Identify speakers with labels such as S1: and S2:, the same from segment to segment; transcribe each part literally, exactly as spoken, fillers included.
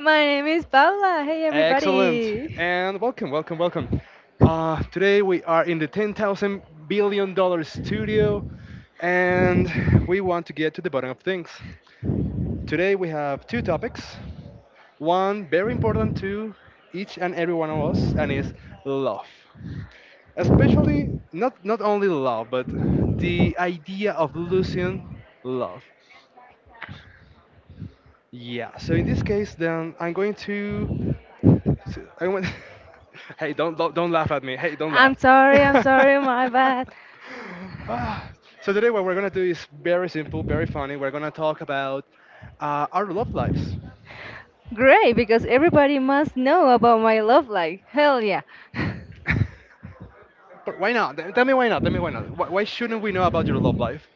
S1: My name is Paula. Hey,
S2: excellent,
S1: everybody.
S2: and welcome, welcome, welcome. Uh, today we are in the ten thousand billion dollar studio, and we want to get to the bottom of things. Today we have two topics. One very important to each and every one of us, and is love. Especially not not only love, but the idea of losing love. Yeah. So in this case, then I'm going to. So I went. Hey, don't, don't don't laugh at me. Hey, don't
S1: I'm
S2: laugh.
S1: sorry, I'm sorry, my bad.
S2: Ah, so today, what we're gonna do is very simple, very funny. We're gonna talk about uh, our love lives.
S1: Great, because everybody must know about my love life. Hell yeah. I
S2: But why not? Th- Tell me why not. Tell me why not. Why, why shouldn't we know about your love life?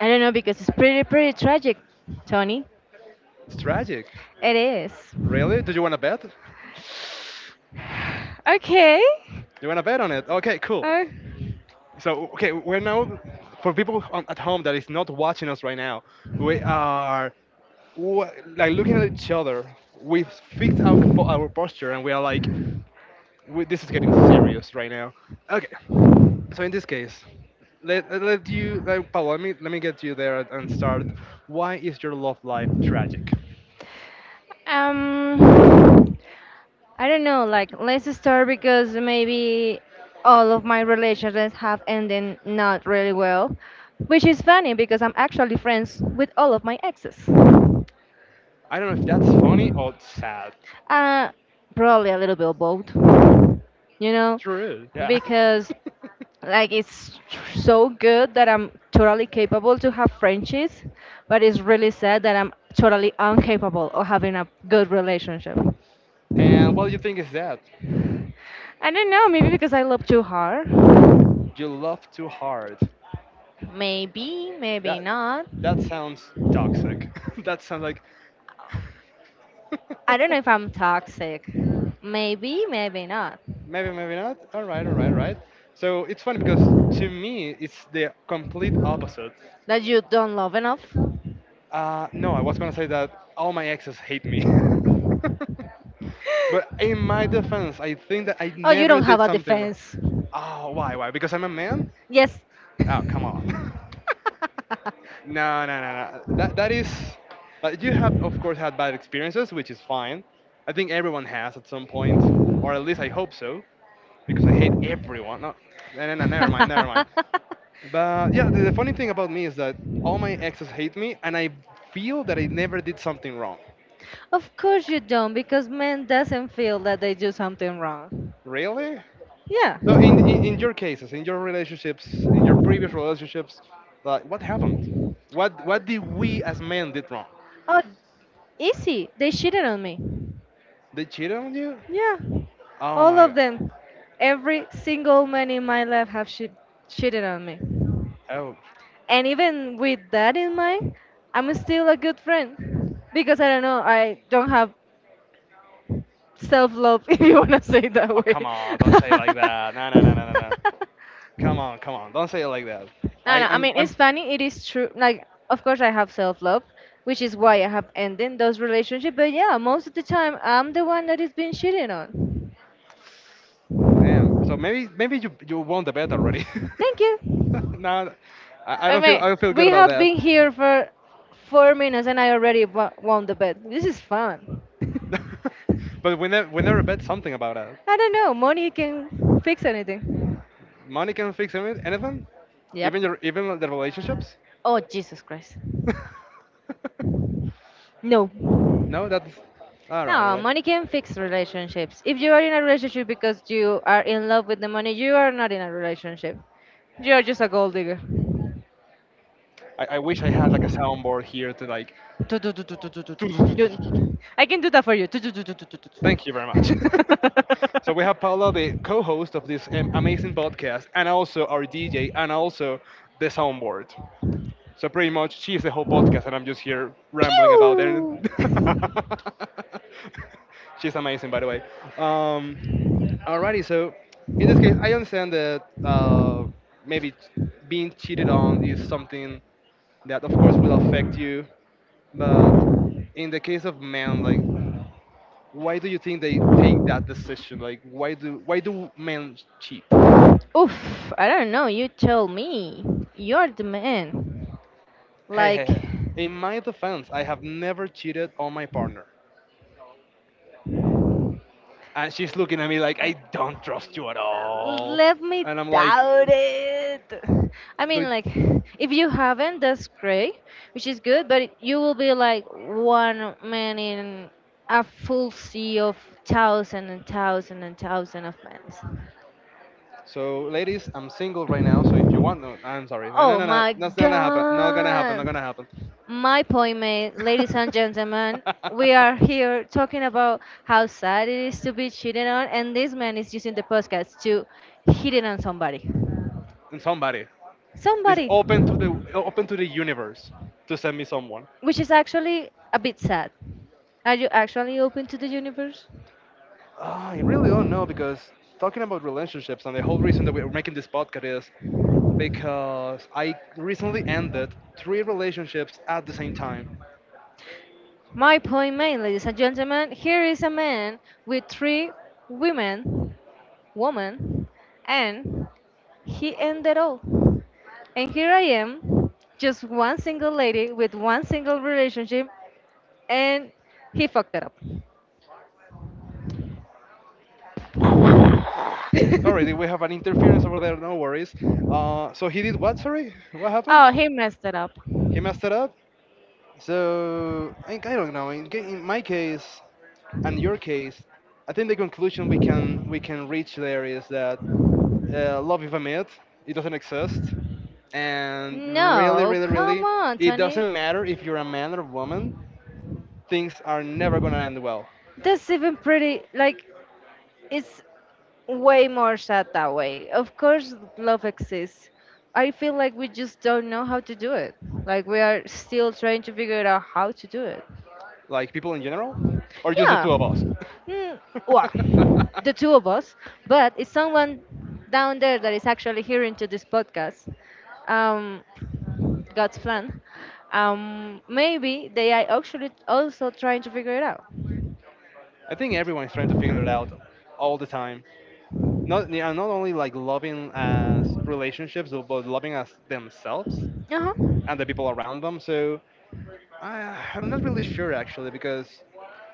S1: don't know, because it's pretty, pretty tragic, Tony.
S2: It's tragic.
S1: It is.
S2: Really? Do you want to bet? Do
S1: Okay.
S2: you want to bet on it? Okay, cool.
S1: Uh,
S2: So, okay, we're now for people on- at home that is not watching us right now. We are w- like looking at each other, we've fixed our, po- our posture and we are like, we, this is getting serious right now. Okay, so in this case, let, let you, like, Paul, let me, let me get you there and start. Why is your love life tragic?
S1: um. I don't know, like let's start because maybe all of my relationships have ended not really well, which is funny because I'm actually friends with all of my exes.
S2: I don't know if that's funny or sad.
S1: Uh, Probably a little bit of both, you know,
S2: True, yeah.
S1: because like it's tr- so good that I'm totally capable to have friendships, but it's really sad that I'm totally incapable of having a good relationship.
S2: And what do you think is that?
S1: I don't know, maybe because I love too hard.
S2: You love too hard.
S1: Maybe, maybe
S2: That,
S1: not.
S2: that sounds toxic. That sounds like
S1: I don't know if I'm toxic. Maybe, maybe not.
S2: Maybe, maybe not. All right, all right, all right. So it's funny because to me, it's the complete opposite.
S1: That you don't love enough?
S2: Uh, no, I was gonna say that all my exes hate me. But in my defense, I think that I
S1: Oh, you
S2: never
S1: don't
S2: did
S1: have a
S2: something wrong.
S1: defense.
S2: Oh, why, why? Because I'm a man?
S1: Yes.
S2: Oh, come on. No, no, no, no. That, that is. Uh, you have, of course, had bad experiences, which is fine. I think everyone has at some point, or at least I hope so, because I hate everyone. No, no, no, no never mind, never mind. But yeah, the, the funny thing about me is that all my exes hate me, and I feel that I never did something wrong.
S1: Of course you don't, because men doesn't feel that they do something wrong.
S2: Really?
S1: Yeah.
S2: So in, in in
S1: Oh,
S2: your cases, in your relationships, in your previous relationships, like what happened? What what did we as men did wrong?
S1: easy. They cheated on me.
S2: They cheated on you?
S1: Yeah.
S2: Oh
S1: All
S2: my
S1: of
S2: god.
S1: them. Every single man in my life have che- cheated on me.
S2: Oh,
S1: And even with that in mind, I'm still a good friend because I don't know, I don't have self love if you want to say it that
S2: oh
S1: way.
S2: come on, don't say it like that. No no no no no no. Come on, come on, don't say it like that.
S1: No, no,
S2: I
S1: I
S2: I'm
S1: mean,
S2: I'm
S1: it's funny, it is true. Like, of course, I have self love, which is why I have ended those relationships. But yeah, most of the time, I'm the one that is being cheated on.
S2: damn. So maybe maybe you you won the bet already.
S1: Thank you.
S2: No, I, I
S1: I
S2: don't feel
S1: mean,
S2: I don't feel good
S1: we
S2: about
S1: have
S2: that.
S1: been here for four minutes and I already wa- won the bet. This is fun. I
S2: But we, ne- we never bet something about that.
S1: don't know. Money can fix anything.
S2: Money can fix any- anything,
S1: Yep.
S2: even your even the relationships.
S1: Oh, Jesus Christ. No.
S2: No, that's all right. All
S1: No,
S2: right.
S1: money can fix relationships. If you are in a relationship because you are in love with the money, you are not in a relationship. You are just a gold digger.
S2: I, I wish I had like a soundboard here to like.
S1: Tu- tu- tu- tu- tu- tu- tu- tu- tu.
S2: to-
S1: You- I can do that for you. Tu- tu- tu- tu- tu- tu- tu- tu.
S2: Thank you very much. So we have Paula, the co-host of this um, amazing podcast, and also our D J, and also the soundboard. So pretty much, she's the whole podcast, and I'm just here rambling about it.
S1: Pew!
S2: She's amazing, by the way. Um, Alrighty, so in this case, I understand that uh, maybe ch- being cheated on is something that, of course, will affect you. But in the case of men, like, why do you think they take that decision? Like, why do why do men cheat?
S1: Oof, I don't know, you tell me. You're the man.
S2: Hey, hey,
S1: Like,
S2: hey. In my defense, I have never cheated on my partner. And she's looking at me like I don't trust you at all,
S1: let me
S2: and I'm like,
S1: doubt it. I mean,
S2: "Do-
S1: like, if you haven't, that's great, which is good, but you will be like one man in a full sea of thousand and thousand and thousand of men.
S2: so, ladies, I'm single right now, so if you want, no, I'm sorry, no, no,
S1: Oh
S2: no, no,
S1: my
S2: that's not gonna happen, not gonna happen, not
S1: god!
S2: gonna happen.
S1: My point made, ladies and gentlemen, we are here talking about how sad it is to be cheated on, and this man is using the podcast to hit it on somebody.
S2: And somebody is
S1: Somebody!
S2: open to the open to the universe to send me someone.
S1: Which is actually a bit sad. Are you actually open to the universe?
S2: Ah, I really don't know because talking about relationships and the whole reason that we're making this podcast is because I recently ended three relationships at the same time.
S1: My point, man, ladies and gentlemen, here is a man with three women, woman, and he ended all. And here I am, just one single lady with one single relationship, and he fucked it up.
S2: Sorry, did we have an interference over there? No worries. Uh, so he did what? Sorry, what happened?
S1: Oh, he messed it up.
S2: He messed it up. So I, I don't know. In, ca- in my case, and your case, I think the conclusion we can we can reach there is that uh, love is a myth. It doesn't exist, and really,
S1: No,
S2: really,
S1: come
S2: really,
S1: on,
S2: it
S1: Tony.
S2: doesn't matter if you're a man or a woman. Things are never gonna end well.
S1: That's even pretty. Like, it's way more sad that way. Of course, love exists. I feel like we just don't know how to do it. Like we are still trying to figure out how to do it.
S2: Like people in general, or just the
S1: Yeah.
S2: two of us.
S1: Mm, well, the two of us. But it's someone down there that is actually hearing to this podcast. Um, God's plan. Um, maybe they are actually also trying to figure it out.
S2: I think everyone is trying to figure it out all the time. Not yeah, not only like loving as relationships, but loving as themselves
S1: Uh huh.
S2: and the people around them. So I, I'm not really sure actually because,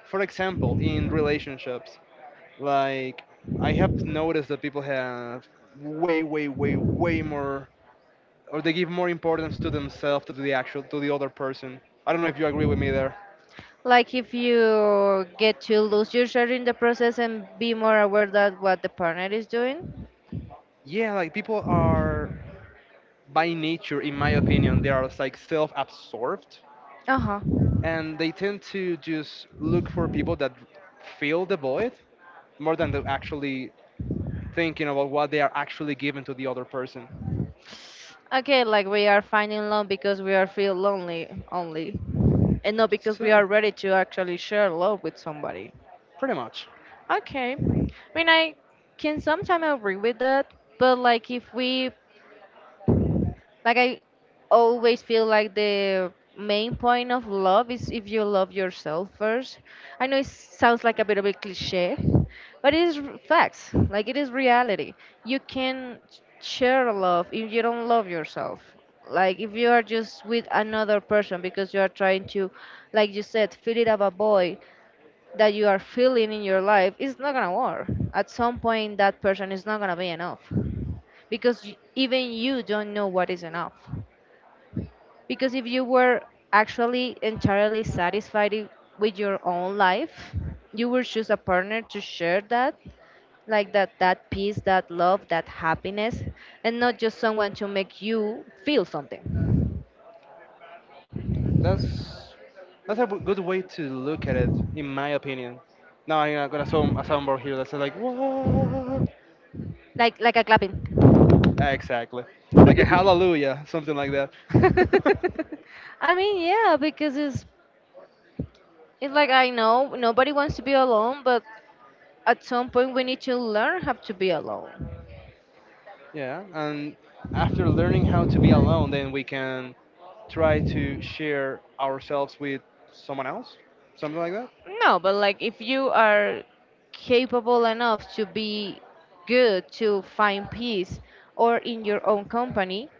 S2: for example, in relationships, like I have noticed that people have way, way, way, way more, or they give more importance to themselves than to the actual to the other person. I don't know if you agree with me there.
S1: Like if you get to lose your share in the process and be more aware that what the partner is doing.
S2: Yeah, like people are by nature, in my opinion, they are like self-absorbed
S1: Uh huh.
S2: and they tend to just look for people that fill the void more than they actually thinking about what they are actually giving to the other person.
S1: Okay, like we are finding love because we are feel lonely only, and not because we are
S2: So,
S1: ready to actually share love with somebody.
S2: pretty much.
S1: Okay, I mean I can sometimes agree with that, but like if we Like I always feel like the main point of love is if you love yourself first. I know it sounds like a bit of a cliche, but it is r- facts. Like it is reality. You can share love if you don't love yourself. Like if you are just with another person because you are trying to, like you said, fill it up a void that you are feeling in your life, it's not gonna work. At some point, that person is not gonna be enough because y- even you don't know what is enough. Because if you were actually entirely satisfied i- with your own life, you would choose a partner to share that, like that, that peace, that love, that happiness, and not just someone to make you feel something,
S2: That's that's a good way to look at it, in my opinion. Now I'm gonna sound a soundboard here that says like what?
S1: like like a clapping.
S2: Exactly, like a hallelujah, something like that.
S1: I mean, yeah, because it's it's like I know nobody wants to be alone, but at some point we need to learn how to be alone.
S2: Yeah, and after learning how to be alone, then we can try to share ourselves with someone else, something like that.
S1: No, but like if you are capable enough to be good, to find peace, or in your own company,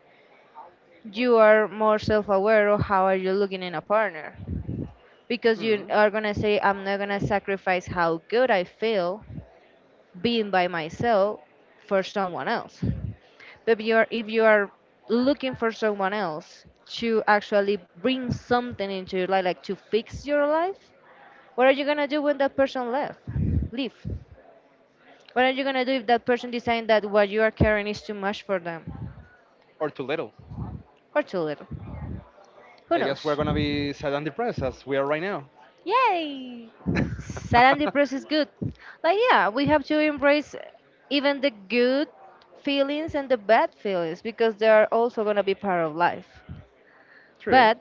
S1: you are more self-aware of how are you looking in a partner. Because you
S2: Hmm.
S1: are gonna say, I'm not gonna sacrifice how good I feel being by myself for someone else. But if you are if you are looking for someone else to actually bring something into your life, like to fix your life, what are you gonna do when that person left? Leave. What are you gonna do if that person decides that what you are carrying is too much for them
S2: Or too little.
S1: or too little? Who
S2: I guess we're
S1: knows?
S2: gonna be sad and depressed as we are right now.
S1: Yay! Sad and depressed is good. Like yeah, we have to embrace even the good feelings and the bad feelings because they are also gonna be part of life.
S2: True.
S1: But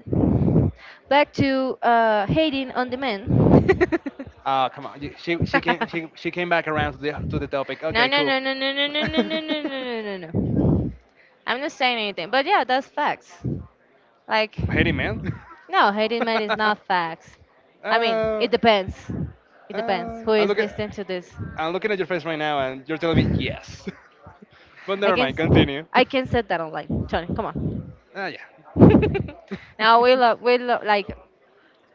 S1: back to uh, hating on the men.
S2: Uh, come on. She she came she, she came back around to the to the topic.
S1: No,
S2: Okay,
S1: no,
S2: cool.
S1: no, no, no, no, no, no, no, no, no, no, no. No. I'm not saying anything, but yeah, that's facts. Like,
S2: Hate it, man.
S1: no, hating men is not facts.
S2: uh,
S1: I mean,
S2: uh,
S1: it depends. It depends
S2: I
S1: who
S2: am
S1: is
S2: looking
S1: listening to this.
S2: I'm looking at your face right now, and you're telling me yes. But
S1: I
S2: never
S1: can,
S2: mind.
S1: s-
S2: Continue.
S1: I can set that online. Johnny, come on.
S2: Ah, yeah.
S1: Now we love, we love, like,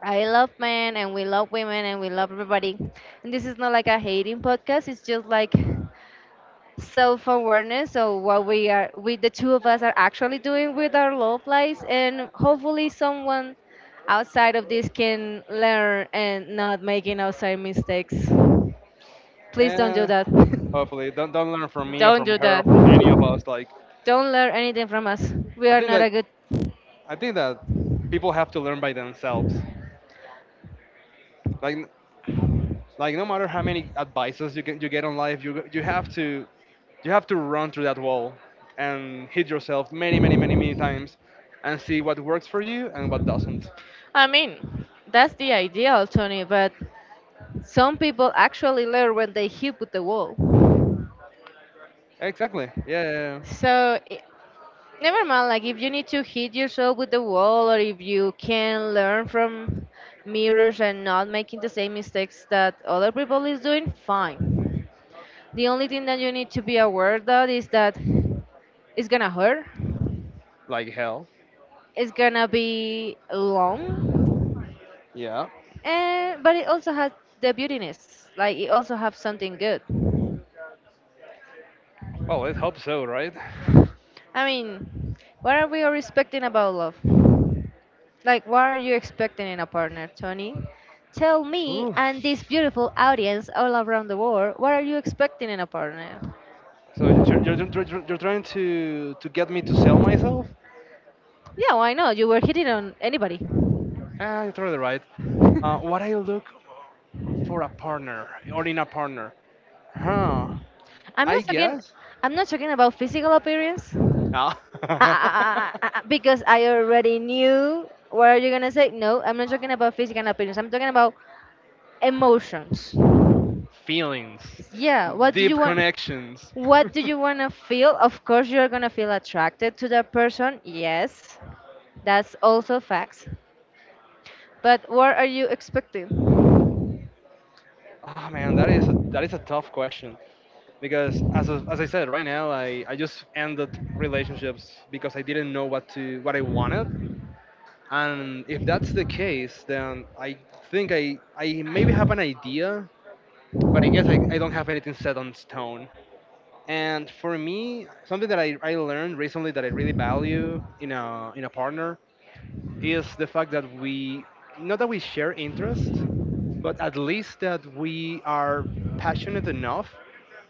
S1: I love men and we love women and we love everybody. And this is not like a hating podcast. It's just like self-awareness of what we are we the two of us are actually doing with our love lives, and hopefully someone outside of this can learn and not making outside mistakes. Please don't do
S2: Uh,
S1: that.
S2: Hopefully, don't don't learn from me or
S1: Don't
S2: from
S1: do
S2: her or
S1: that.
S2: from any of us. Like
S1: Don't learn anything from us. We
S2: I
S1: are
S2: think
S1: not a
S2: that
S1: good.
S2: I think that people have to learn by themselves. Like like no matter how many advices you can you get on life, you you have to you have to run through that wall and hit yourself many many many many times and see what works for you and what doesn't.
S1: I mean, that's the ideal, Tony, but some people actually learn when they hit with the wall.
S2: Exactly. Yeah. Yeah, yeah.
S1: So i- Never mind, like if you need to hit yourself with the wall or if you can learn from mirrors and not making the same mistakes that other people is doing, fine. The only thing that you need to be aware that is that it's gonna hurt.
S2: Like hell.
S1: It's gonna be long.
S2: Yeah.
S1: And but it also has the beautiness. Like it also has something good.
S2: Well, it hope so, right?
S1: I mean, what are we all respecting about love? Like, what are you expecting in a partner, Tony? Tell me
S2: Oof.
S1: and this beautiful audience all around the world, what are you expecting in a partner?
S2: So you're, you're, you're, you're trying to to get me to sell myself?
S1: Yeah, why not? You were hitting on anybody.
S2: Ah, you're totally right. Uh,
S1: I'm
S2: what I look for a partner or in a partner? Huh? I
S1: not talking.
S2: guess.
S1: I'm not talking about physical appearance.
S2: Ah.
S1: Ah, ah, ah, ah, ah, ah, because I already knew what are you gonna say. No, I'm not talking about physical appearance. I'm talking about emotions.
S2: Feelings,
S1: Yeah, what do
S2: deep
S1: you want?
S2: connections.
S1: What do you wanna feel? Of course, you're gonna feel attracted to that person. Yes, that's also facts. But what are you expecting?
S2: Oh man, that is a that is a tough question because as of- as I said, right now I I just ended relationships because I didn't know what to what I wanted. And if that's the case, then I think I I maybe have an idea, but I guess I, I don't have anything set on stone. And for me, something that I, I learned recently that I really value in a in a partner is the fact that we not that we share interests, but at least that we are passionate enough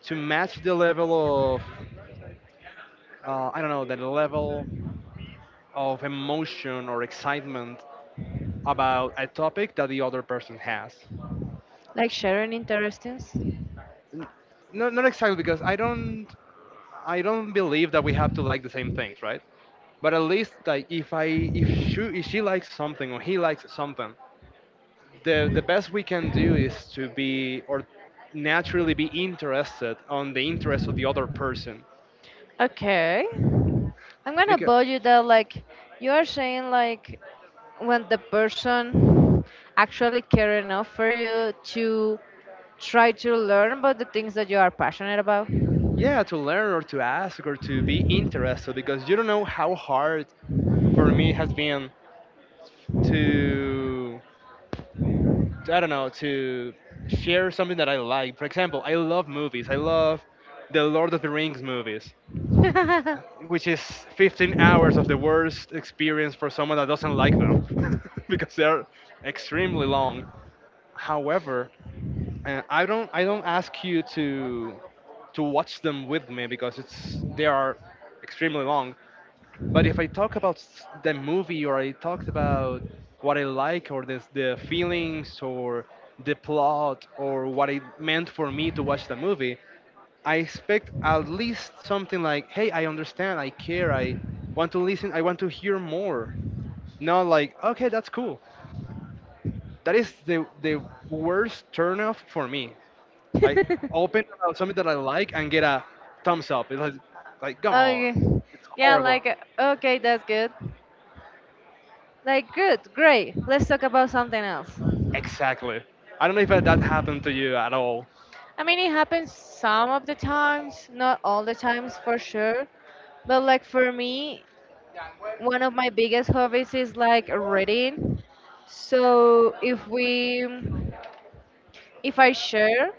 S2: to match the level of uh, I don't know, the level of emotion or excitement about a topic that the other person has.
S1: Like sharing interestings?
S2: N- Not not exactly because I don't I don't believe that we have to like the same things, right? But at least like if I if she if she likes something or he likes something, the the best we can do is to be or naturally be interested on the interest of the other person.
S1: Okay. I'm gonna
S2: Because
S1: bug you that like you are saying like when the person actually care enough for you to try to learn about the things that you are passionate about.
S2: yeah, to learn or to ask or to be interested because you don't know how hard for me it has been to, to I don't know, to share something that I like. For example, I love movies. I love the Lord of the Rings movies, which is fifteen hours of the worst experience for someone that doesn't like them because they're extremely long. However, uh, I don't i don't ask you to to watch them with me because it's they are extremely long. But if I talk about s- the movie or I talked about what I like or the the feelings or the plot or what it meant for me to watch the movie, I expect at least something like, hey, I understand, I care, I want to listen, I want to hear more. Not like, okay, that's cool. That is the the worst turnoff for me. Like open about something that I like and get a thumbs up. It's like, like come on,
S1: Okay.
S2: it's
S1: Yeah,
S2: horrible.
S1: like okay, that's good. Like good, great. Let's talk about something else.
S2: Exactly. I don't know if that that happened to you at all.
S1: I mean, it happens some of the times, not all the times for sure. But like for me, one of my biggest hobbies is like reading. So if we, if I share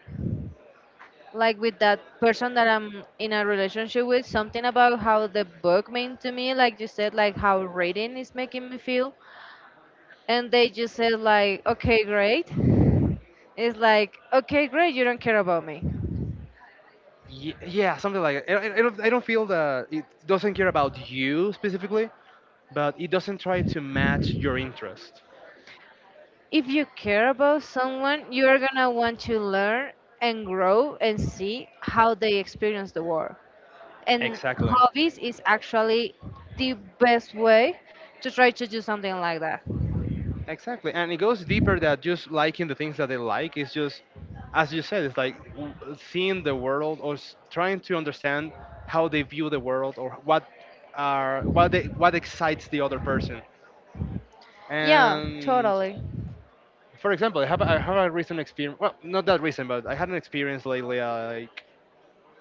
S1: like with that person that I'm in a relationship with something about how the book meant to me, like you said, like how reading is making me feel, and they just said like, okay, great. It's like, okay, great, you don't care about me.
S2: Ye- Yeah, something like that. I, I, I don't, I don't feel that it doesn't care about you specifically, but it doesn't try to match your interest.
S1: If you care about someone, you are gonna want to learn and grow and see how they experience the world. And
S2: Exactly.
S1: hobbies is actually the best way to try to do something like that.
S2: Exactly, and it goes deeper than just liking the things that they like. It's just, as you said, it's like w- seeing the world or s- trying to understand how they view the world, or what are what they what excites the other person.
S1: Yeah,
S2: And
S1: totally.
S2: for example, I have a- I have a recent experience. Well, not that recent, but I had an experience lately. uh, Like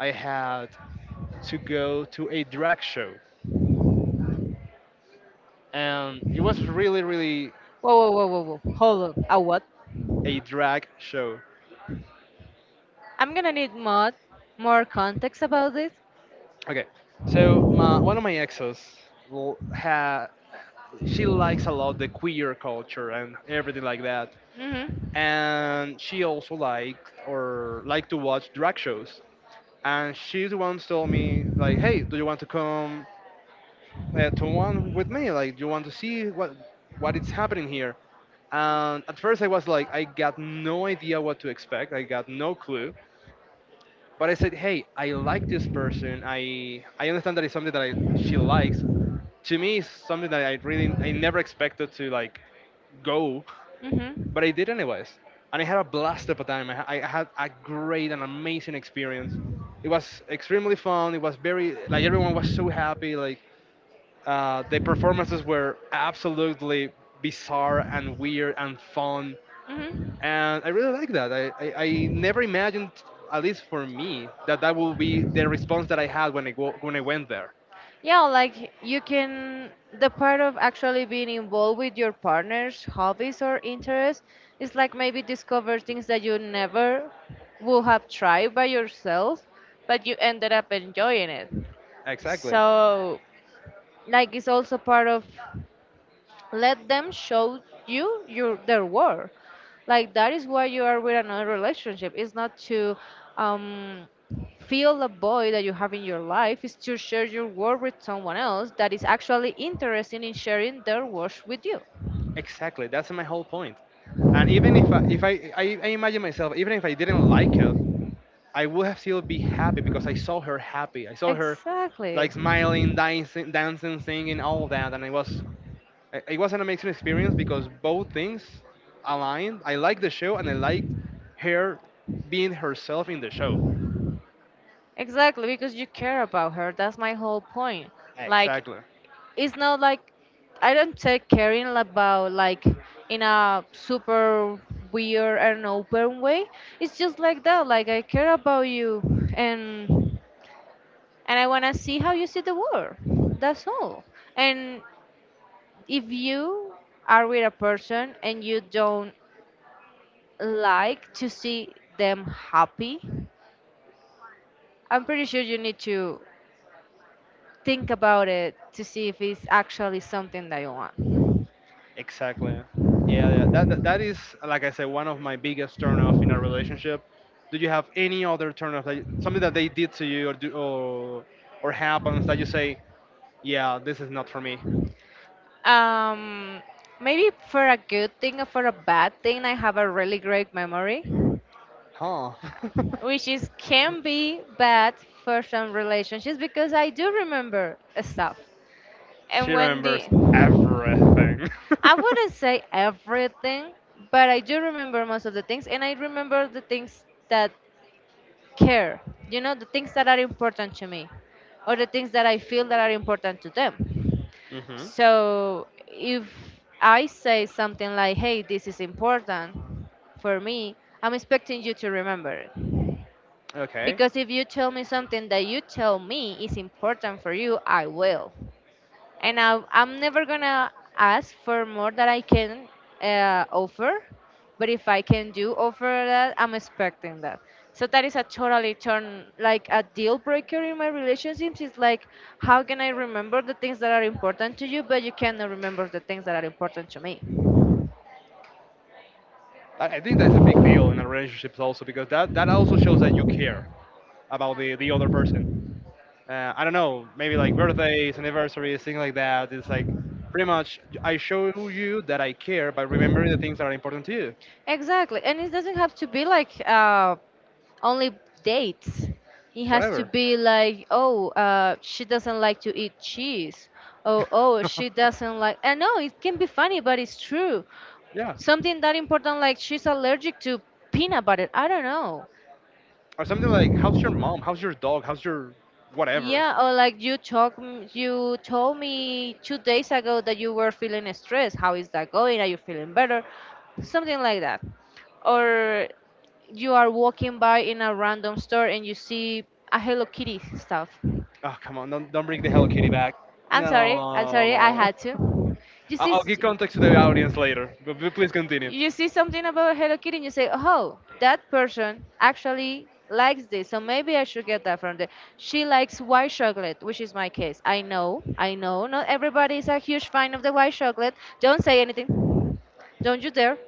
S2: I had to go to a drag show, and it was really, really
S1: Whoa, whoa, whoa, whoa, whoa. Hold on. A what?
S2: a drag show.
S1: I'm gonna need mod more context about this.
S2: Okay, so my, one of my exes l- ha she likes a lot the queer culture and everything like that,
S1: Mhm.
S2: and she also liked or liked to watch drag shows. And she once told me like, "Hey, do you want to come uh, to one with me? Like, do you want to see what what is happening here?" And at first, I was like, I got no idea what to expect. I got no clue. But I said, "Hey, I like this person. I I understand that it's something that I, she likes, to me it's something that I really I never expected to like, go,
S1: Mhm.
S2: but I did anyways, and I had a blast at the time. I, I had a great and amazing experience. It was extremely fun. It was very, like, everyone was so happy. Like uh, the performances were absolutely bizarre and weird and fun,
S1: Mhm.
S2: and I really like that. I, I, I never imagined, at least for me, that that will be the response that I had when I go, when I went there.
S1: Yeah, like you can, the part of actually being involved with your partner's hobbies or interests is like maybe discover things that you never would have tried by yourself, but you ended up enjoying it.
S2: Exactly.
S1: So, like, it's also part of let them show you your their worth. Like that is why you are with another relationship. It's not to um, fill a void that you have in your life. It's to share your work with someone else that is actually interested in sharing their work with you.
S2: Exactly, that's my whole point. And even if I, if I, I, I imagine myself, even if I didn't like it, I would have still be happy because I saw her happy. I saw her
S1: Exactly.
S2: like smiling, dancing, dancing, singing, all that, and it was it it was an amazing experience because both things aligned. I liked the show and I liked her being herself in the show.
S1: Exactly, because you care about her. That's my whole point. Like,
S2: Exactly.
S1: it's not like I don't take caring about, like, in a super weird and open way. It's just like that. Like, I care about you, and and I wanna see how you see the world. That's all. And if you are with a person and you don't like to see them happy, I'm pretty sure you need to think about it to see if it's actually something that you want.
S2: Exactly. Yeah, yeah. That, that that is, like I said, one of my biggest turnoff in a relationship. Do you have any other turnoff, like something that they did to you, or do, or or happens that you say, yeah, this is not for me?
S1: Um, Maybe for a good thing or for a bad thing, I have a really great memory,
S2: Huh?
S1: which is can be bad for some relationships because I do remember stuff.
S2: She
S1: And when the
S2: remembers everything.
S1: I wouldn't say everything, but I do remember most of the things, and I remember the things that care, you know, the things that are important to me or the things that I feel that are important to them.
S2: Hmm.
S1: So if I say something like, hey, this is important for me, I'm expecting you to remember it.
S2: Okay.
S1: Because if you tell me something that you tell me is important for you, I will. And I, I'm never gonna ask for more that I can uh, offer. But if I can do offer that, I'm expecting that. So that is a totally turn, like a deal breaker in my relationships. It's like, how can I remember the things that are important to you, but you cannot remember the things that are important to me?
S2: I, I think that's a big deal in a relationship also because that that also shows that you care about the the other person. uh, I don't know, maybe like birthdays, anniversaries, things like that. It's like pretty much I show you that I care by remembering the things that are important to you,
S1: Exactly, and it doesn't have to be like uh, only dates. It has to
S2: whatever.
S1: be like, oh, uh, she doesn't like to eat cheese. Oh, oh, she doesn't like. I know it can be funny, but it's true.
S2: Yeah,
S1: Something that important, like she's allergic to peanut butter. I don't know.
S2: or something like, how's your mom? How's your dog? How's your whatever?
S1: Yeah, or like you talk, m- you told me two days ago that you were feeling stressed. How is that going? Are you feeling better? Something like that. Or you are walking by in a random store and you see a Hello Kitty stuff.
S2: Oh, come on, don't don't bring the Hello Kitty back.
S1: I'm sorry. I'm sorry. I
S2: No.
S1: had to. You
S2: I-
S1: see,
S2: I'll
S1: s-
S2: give context to the audience later, but p- please continue.
S1: you see something about Hello Kitty, and you say, "Oh, that person actually likes this, so maybe I should get that from there." She likes white chocolate, which is my case. I know. I know. Not everybody is a huge fan of the white chocolate. Don't say anything. Don't you dare.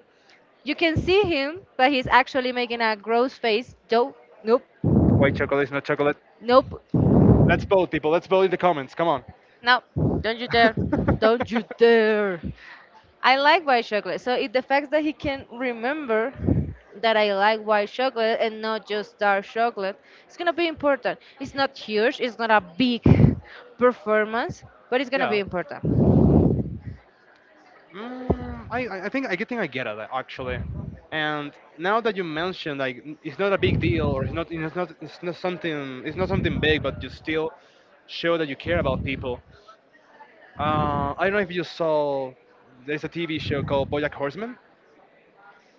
S1: You can see him, but he's actually making a gross face. Don't. Nope.
S2: White chocolate is not chocolate.
S1: Nope.
S2: Let's vote, people. Let's vote in the comments. Come on.
S1: No. Don't you dare. Don't you dare. I like white chocolate. So it the fact that he can remember that I like white chocolate and not just dark chocolate, it's gonna be important. It's not huge. It's not a big performance, but it's gonna
S2: Yeah.
S1: be important.
S2: Mm, I, I I think I think I get it actually, and now that you mentioned, like, it's not a big deal, or it's not it's not it's not something it's not something big, but you still show that you care about people. Uh, I don't know if you saw, there's a T V show called BoJack Horseman.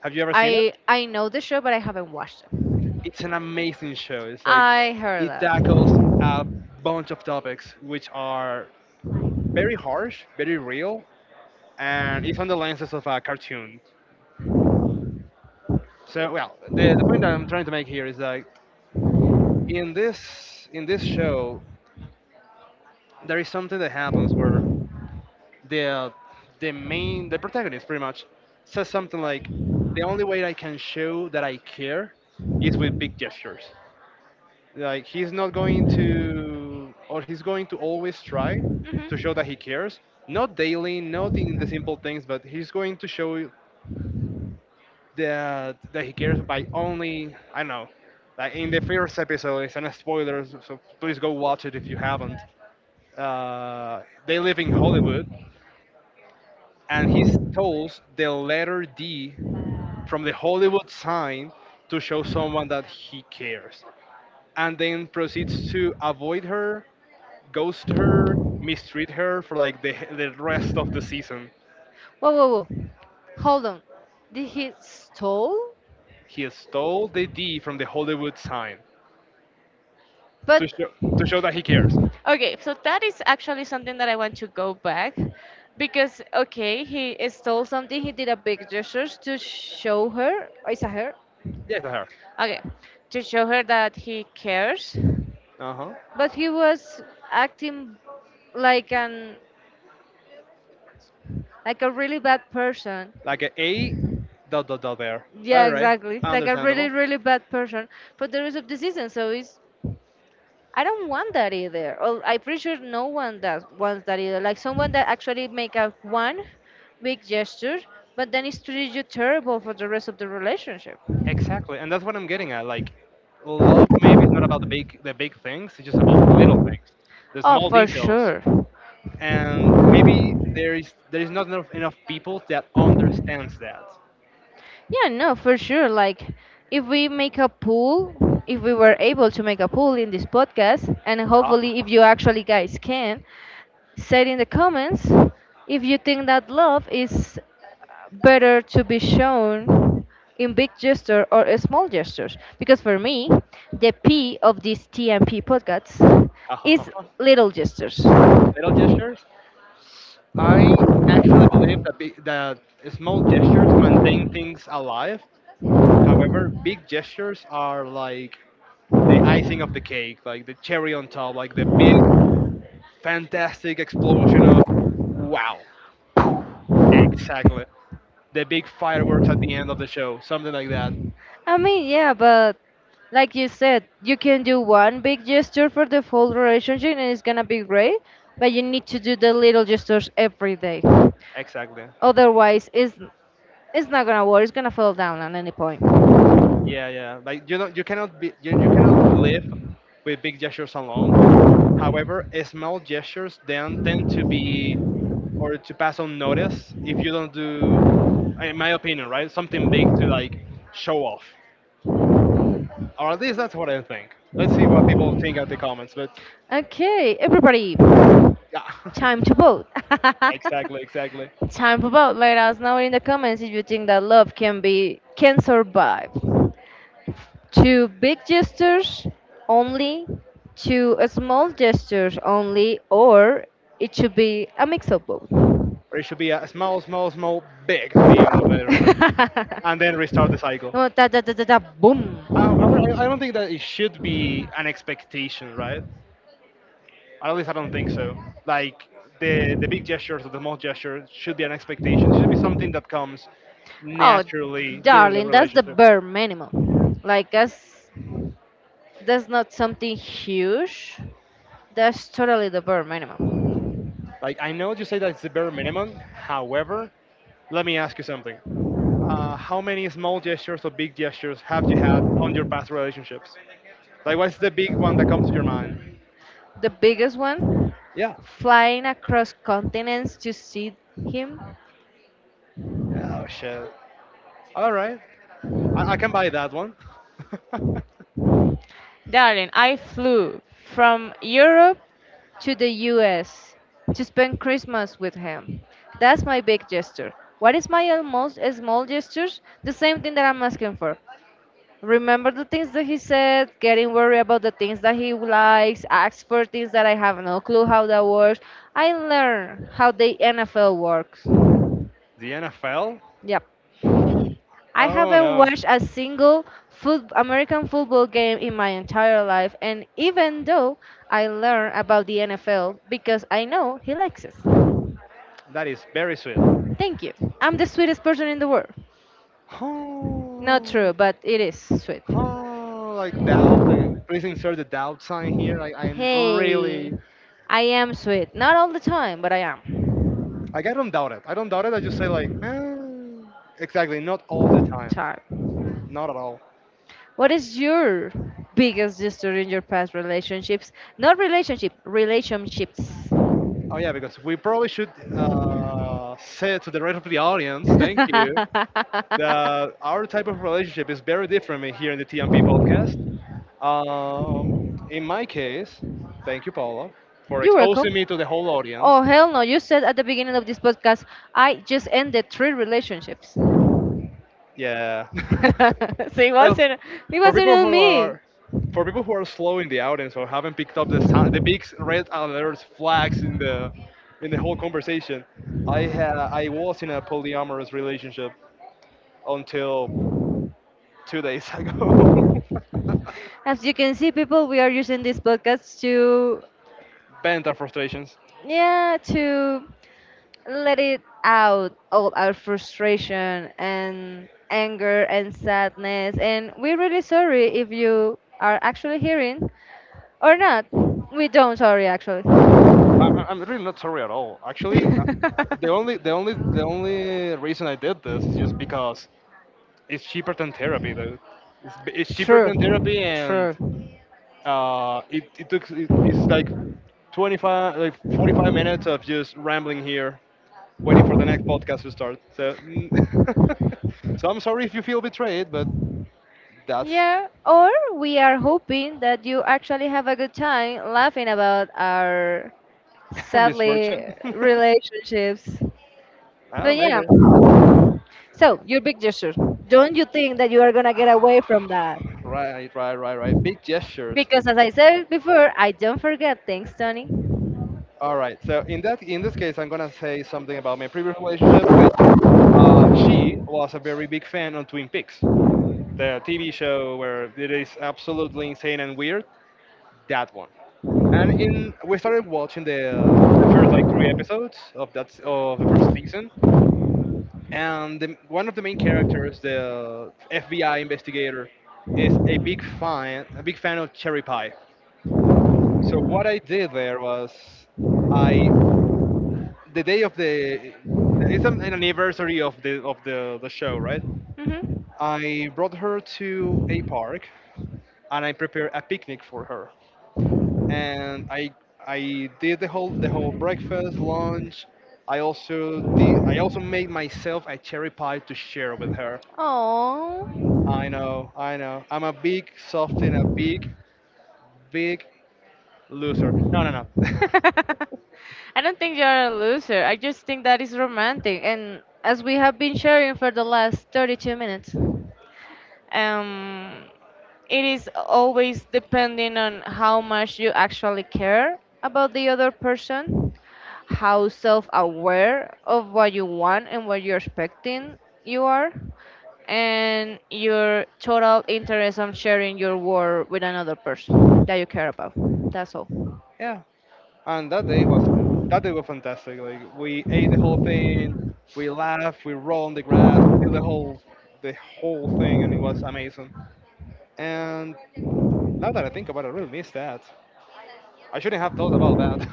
S2: Have you ever seen it?
S1: I I know the show, but I haven't watched it.
S2: It's an amazing show. It's like
S1: I heard
S2: it
S1: that.
S2: tackles a bunch of topics which are very harsh, very real, and it's on the lenses of a cartoon. So, well, the, the point that I'm trying to make here is that in this in this show there is something that happens where the the main the protagonist pretty much says something like, the only way I can show that I care is with big gestures. Like, he's not going to, or he's going to always try to show
S1: Hmm.
S2: that he cares, not daily, not in the simple things, but he's going to show that that he cares by only, I don't know, like in the first episode. It's an spoiler, so so please go watch it if you haven't. Uh, they live in Hollywood, and he steals the letter D from the Hollywood sign to show someone that he cares, and then proceeds to avoid her, ghost her, mistreat her for like the the rest of the season.
S1: Whoa, whoa, whoa! Hold on. Did he stole?
S2: He stole the D from the Hollywood sign
S1: But
S2: to show to show that he cares.
S1: okay, so that is actually something that I want to go back because, okay, he stole something. He did a big gesture to show her. Or is that her?
S2: Yes, I heard.
S1: Okay, to show her that he cares.
S2: Uh huh.
S1: But he was acting like an like a really bad person.
S2: Like a A, dot dot dot there.
S1: Yeah,
S2: All right,
S1: exactly. Like a really,
S2: understandable.
S1: really bad person for the rest of the season. So it's I don't want that either. Or I'm pretty sure no one does wants that either. Like someone that actually make a one big gesture, but then it's treated you terrible for the rest of the relationship.
S2: Exactly, and that's what I'm getting at. Like, love maybe is not about the big the big things. It's just about the little things, the
S1: Oh,
S2: small
S1: for
S2: details.
S1: sure.
S2: And maybe there is there is not enough, enough people that understands that.
S1: Yeah, no, for sure. Like if we make a pool, if we were able to make a pool in this podcast, and hopefully if you actually guys can, say in the comments if you think that love is better to be shown in big gesture or a small gestures. Because for me, the P of this T M P podcast
S2: Ha, ha, ha, ha,
S1: is
S2: ha, ha.
S1: little gestures.
S2: Little gestures. I actually believe that big, that small gestures maintain things alive. However, big gestures are like the icing of the cake, like the cherry on top, like the big fantastic explosion of wow. Exactly. The big fireworks at the end of the show, something like that.
S1: I mean, yeah, but like you said, you can do one big gesture for the whole relationship and it's gonna be great, but you need to do the little gestures every day.
S2: Exactly.
S1: Otherwise, it's, it's not gonna work, it's gonna fall down at any point.
S2: Yeah, yeah. Like, you know, you cannot be, you, you cannot live with big gestures alone. However, small gestures then tend to be, or to pass unnoticed if you don't do, in my opinion, right, something big to like show off, or at least that's what I think. Let's see what people think at the comments, but
S1: Okay, everybody,
S2: yeah,
S1: time to vote.
S2: exactly, exactly.
S1: time to vote. Let us know in the comments if you think that love can be can survive. Two big gestures only, two uh, small gestures only, or it should be a mix of both.
S2: Or it should be a small, small, small, big at the end of everything, and then restart the cycle.
S1: No, da, da, da, da, da,
S2: Um,
S1: boom.
S2: however, I, I don't think that it should be an expectation, right? At least I don't think so. Like, the the big gestures or the small gestures should be an expectation. Should be something that comes
S1: Oh,
S2: naturally during the
S1: darling, that's the
S2: relationship.
S1: bare minimum. Like, that's that's not something huge. That's totally the bare minimum.
S2: Like, I know you say that it's the bare minimum. However, let me ask you something. Uh, how many small gestures or big gestures have you had on your past relationships? Like, what's the big one that comes to your mind?
S1: The biggest one,
S2: Yeah.
S1: flying across continents to see him.
S2: Oh shit. All right. I, I can buy that one.
S1: Darling, I flew from Europe to the U S to spend Christmas with him. That's my big gesture. What is my almost small gestures? The same thing that I'm asking for. Remember the things that he said, getting worried about the things that he likes, ask for things that I have no clue how that works. I learn how the N F L works.
S2: The N F L?
S1: Yep. I
S2: Oh
S1: haven't
S2: no,
S1: watched a single foot American football game in my entire life, and even though I learn about the N F L because I know he likes it.
S2: that is very sweet.
S1: Thank you. I'm the sweetest person in the world. Not true,
S2: Oh,
S1: but it is sweet.
S2: oh, like doubt. Like, please insert the doubt sign here. Like I'm
S1: Hey,
S2: really,
S1: I am sweet. Not all the time, but I am.
S2: like I don't doubt it. I don't doubt it. I just say like, eh, exactly. Not all the time.
S1: Time.
S2: Not at all.
S1: What is your biggest history in your past relationships? Not relationship, relationships.
S2: Oh yeah, because we probably should uh, say to the rest of the audience. Thank you. That our type of relationship is very different in- here in the T M P podcast. Um, in my case, thank you, Paula, for
S1: You're
S2: exposing
S1: welcome.
S2: me to the whole
S1: Oh,
S2: audience.
S1: hell no. You said at the beginning of this podcast, I just ended three relationships. so
S2: Yeah.
S1: it
S2: Well,
S1: wasn't it
S2: for
S1: wasn't
S2: people
S1: on
S2: who
S1: me.
S2: are for people who are slow in the audience, or haven't picked up the si- the big red alert flags in the in the whole conversation, I had I was in a polyamorous relationship until two days ago.
S1: As you can see, people, we are using this podcast to
S2: Bent our frustrations.
S1: yeah, to let it out all our frustration and anger and sadness. And we're really sorry if you are actually hearing or not. We don't sorry actually.
S2: I'm, I'm I'm really not sorry at all. Actually, I, I- the only the only the only reason I did this is just because it's cheaper than therapy. Though. It's, b- it's cheaper
S1: true.
S2: than therapy and,
S1: True.
S2: uh, it it took it, it's like twenty-five, like forty-five minutes of just rambling here, waiting for the next podcast to start. So mm, so I'm sorry if you feel betrayed, but that's
S1: Yeah, or we are hoping that you actually have a good time laughing about our sadly
S2: misfortune.
S1: relationships.
S2: Oh,
S1: But
S2: maybe.
S1: yeah, so your big gesture. Don't you think that you are gonna get away from that?
S2: Right, right, right, right. Big gestures.
S1: Because as I said before, I don't forget things, Tony.
S2: All right. So in that in this case, I'm gonna say something about my previous relationship, which, uh, she was a very big fan of Twin Peaks, the T V show where it is absolutely insane and weird. That one. And in we started watching the the first, like, three episodes of that of the first season, and the, one of the main characters, the F B I investigator, is a big fan a big fan of cherry pie. So what I did there was, I the day of the it's an an anniversary of the of the the show, right?
S1: Mm-hmm.
S2: I brought her to a park and I prepared a picnic for her. And I I did the whole the whole breakfast lunch. I also did I also made myself a cherry pie to share with her.
S1: Oh.
S2: I know, I know. I'm a big soft and a big big loser. No, no, no.
S1: I don't think you're a loser. I just think that is romantic. And as we have been sharing for the last thirty-two minutes. um, it is always depending on how much you actually care about the other person, how self aware of what you want and what you're expecting you are, and your total interest on sharing your work with another person that you care about. That's all.
S2: Yeah, and that day was fan- that day was fantastic. Like we ate the whole thing, we laughed, we rolled on the grass, we did the whole the whole thing, and it was amazing. And now that I think about it, I really miss that. I shouldn't have thought about that.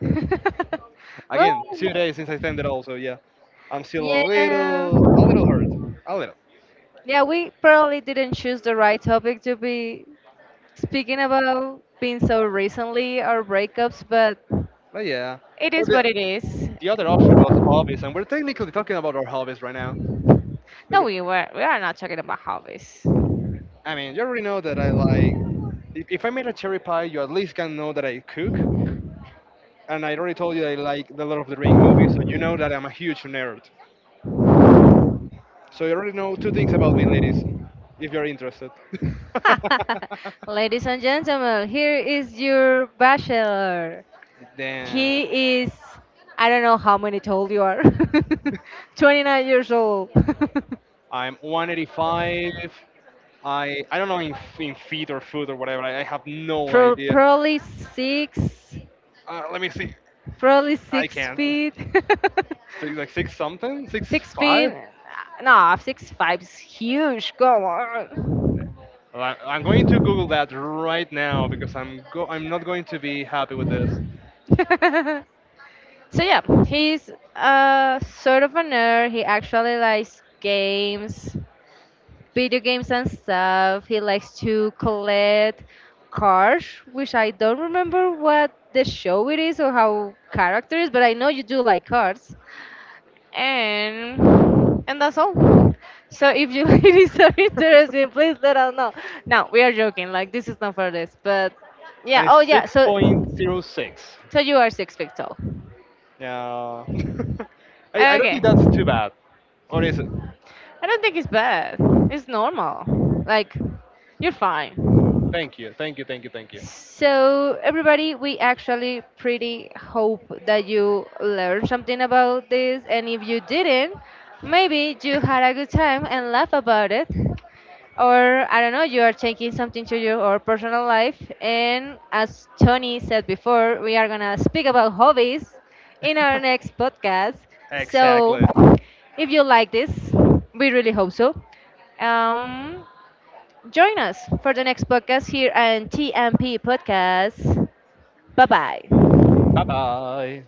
S1: well,
S2: Again, two days since I stand it all, so yeah, I'm still a
S1: yeah.
S2: little, a little hurt, a little.
S1: Yeah, we probably didn't choose the right topic to be speaking about being so recently or breakups, but
S2: But yeah,
S1: it
S2: but
S1: is
S2: the,
S1: what it is.
S2: the other option was hobbies, and we're technically talking about our hobbies right now.
S1: No,
S2: Because,
S1: we were we are not talking about hobbies.
S2: I mean, you already know that I like. If, if I made a cherry pie, you at least can know that I cook, and I already told you I like the Lord of the Ring movie, so you know that I'm a huge nerd. So you already know two things about me, ladies, if you're interested.
S1: ladies and gentlemen, here is your bachelor.
S2: Then
S1: He is, I don't know how many old you are, twenty-nine years old.
S2: I'm one eighty-five. I I don't know in, in feet or foot or whatever. I, I have no
S1: Pro-
S2: idea.
S1: probably six,
S2: Uh, let me see.
S1: probably
S2: I
S1: six
S2: can't.
S1: feet,
S2: Six, like six something, six
S1: six feet.
S2: five.
S1: No, six five is huge. Come on.
S2: Well, I- I'm going to Google that right now because I'm go I'm not going to be happy with this.
S1: so yeah, he's uh sort of a nerd. He actually likes games, video games and stuff. He likes to collect cars, which I don't remember what the show it is or how character is, but I know you do like cars. And and that's all. So if you ladies are interested, please let us know. No, we are joking. Like, this is not for this, but
S2: And
S1: yeah. Oh
S2: it's
S1: yeah.
S2: six
S1: So
S2: point zero six.
S1: so you are six feet tall.
S2: Yeah. I, I don't
S1: Okay.
S2: think that's too bad. Or is it?
S1: I don't think it's bad. It's normal. Like, you're fine.
S2: Thank you, thank you, thank you, thank you.
S1: So, everybody, we actually pretty hope that you learned something about this. And if you didn't, maybe you had a good time and laugh about it. Or, I don't know, you are taking something to your or personal life. And as Tony said before, we are going to speak about hobbies in our next podcast. So,
S2: Exactly.
S1: if you like this, we really hope so. Um, Join us for the next podcast here on T M P Podcast. Bye bye.
S2: Bye bye.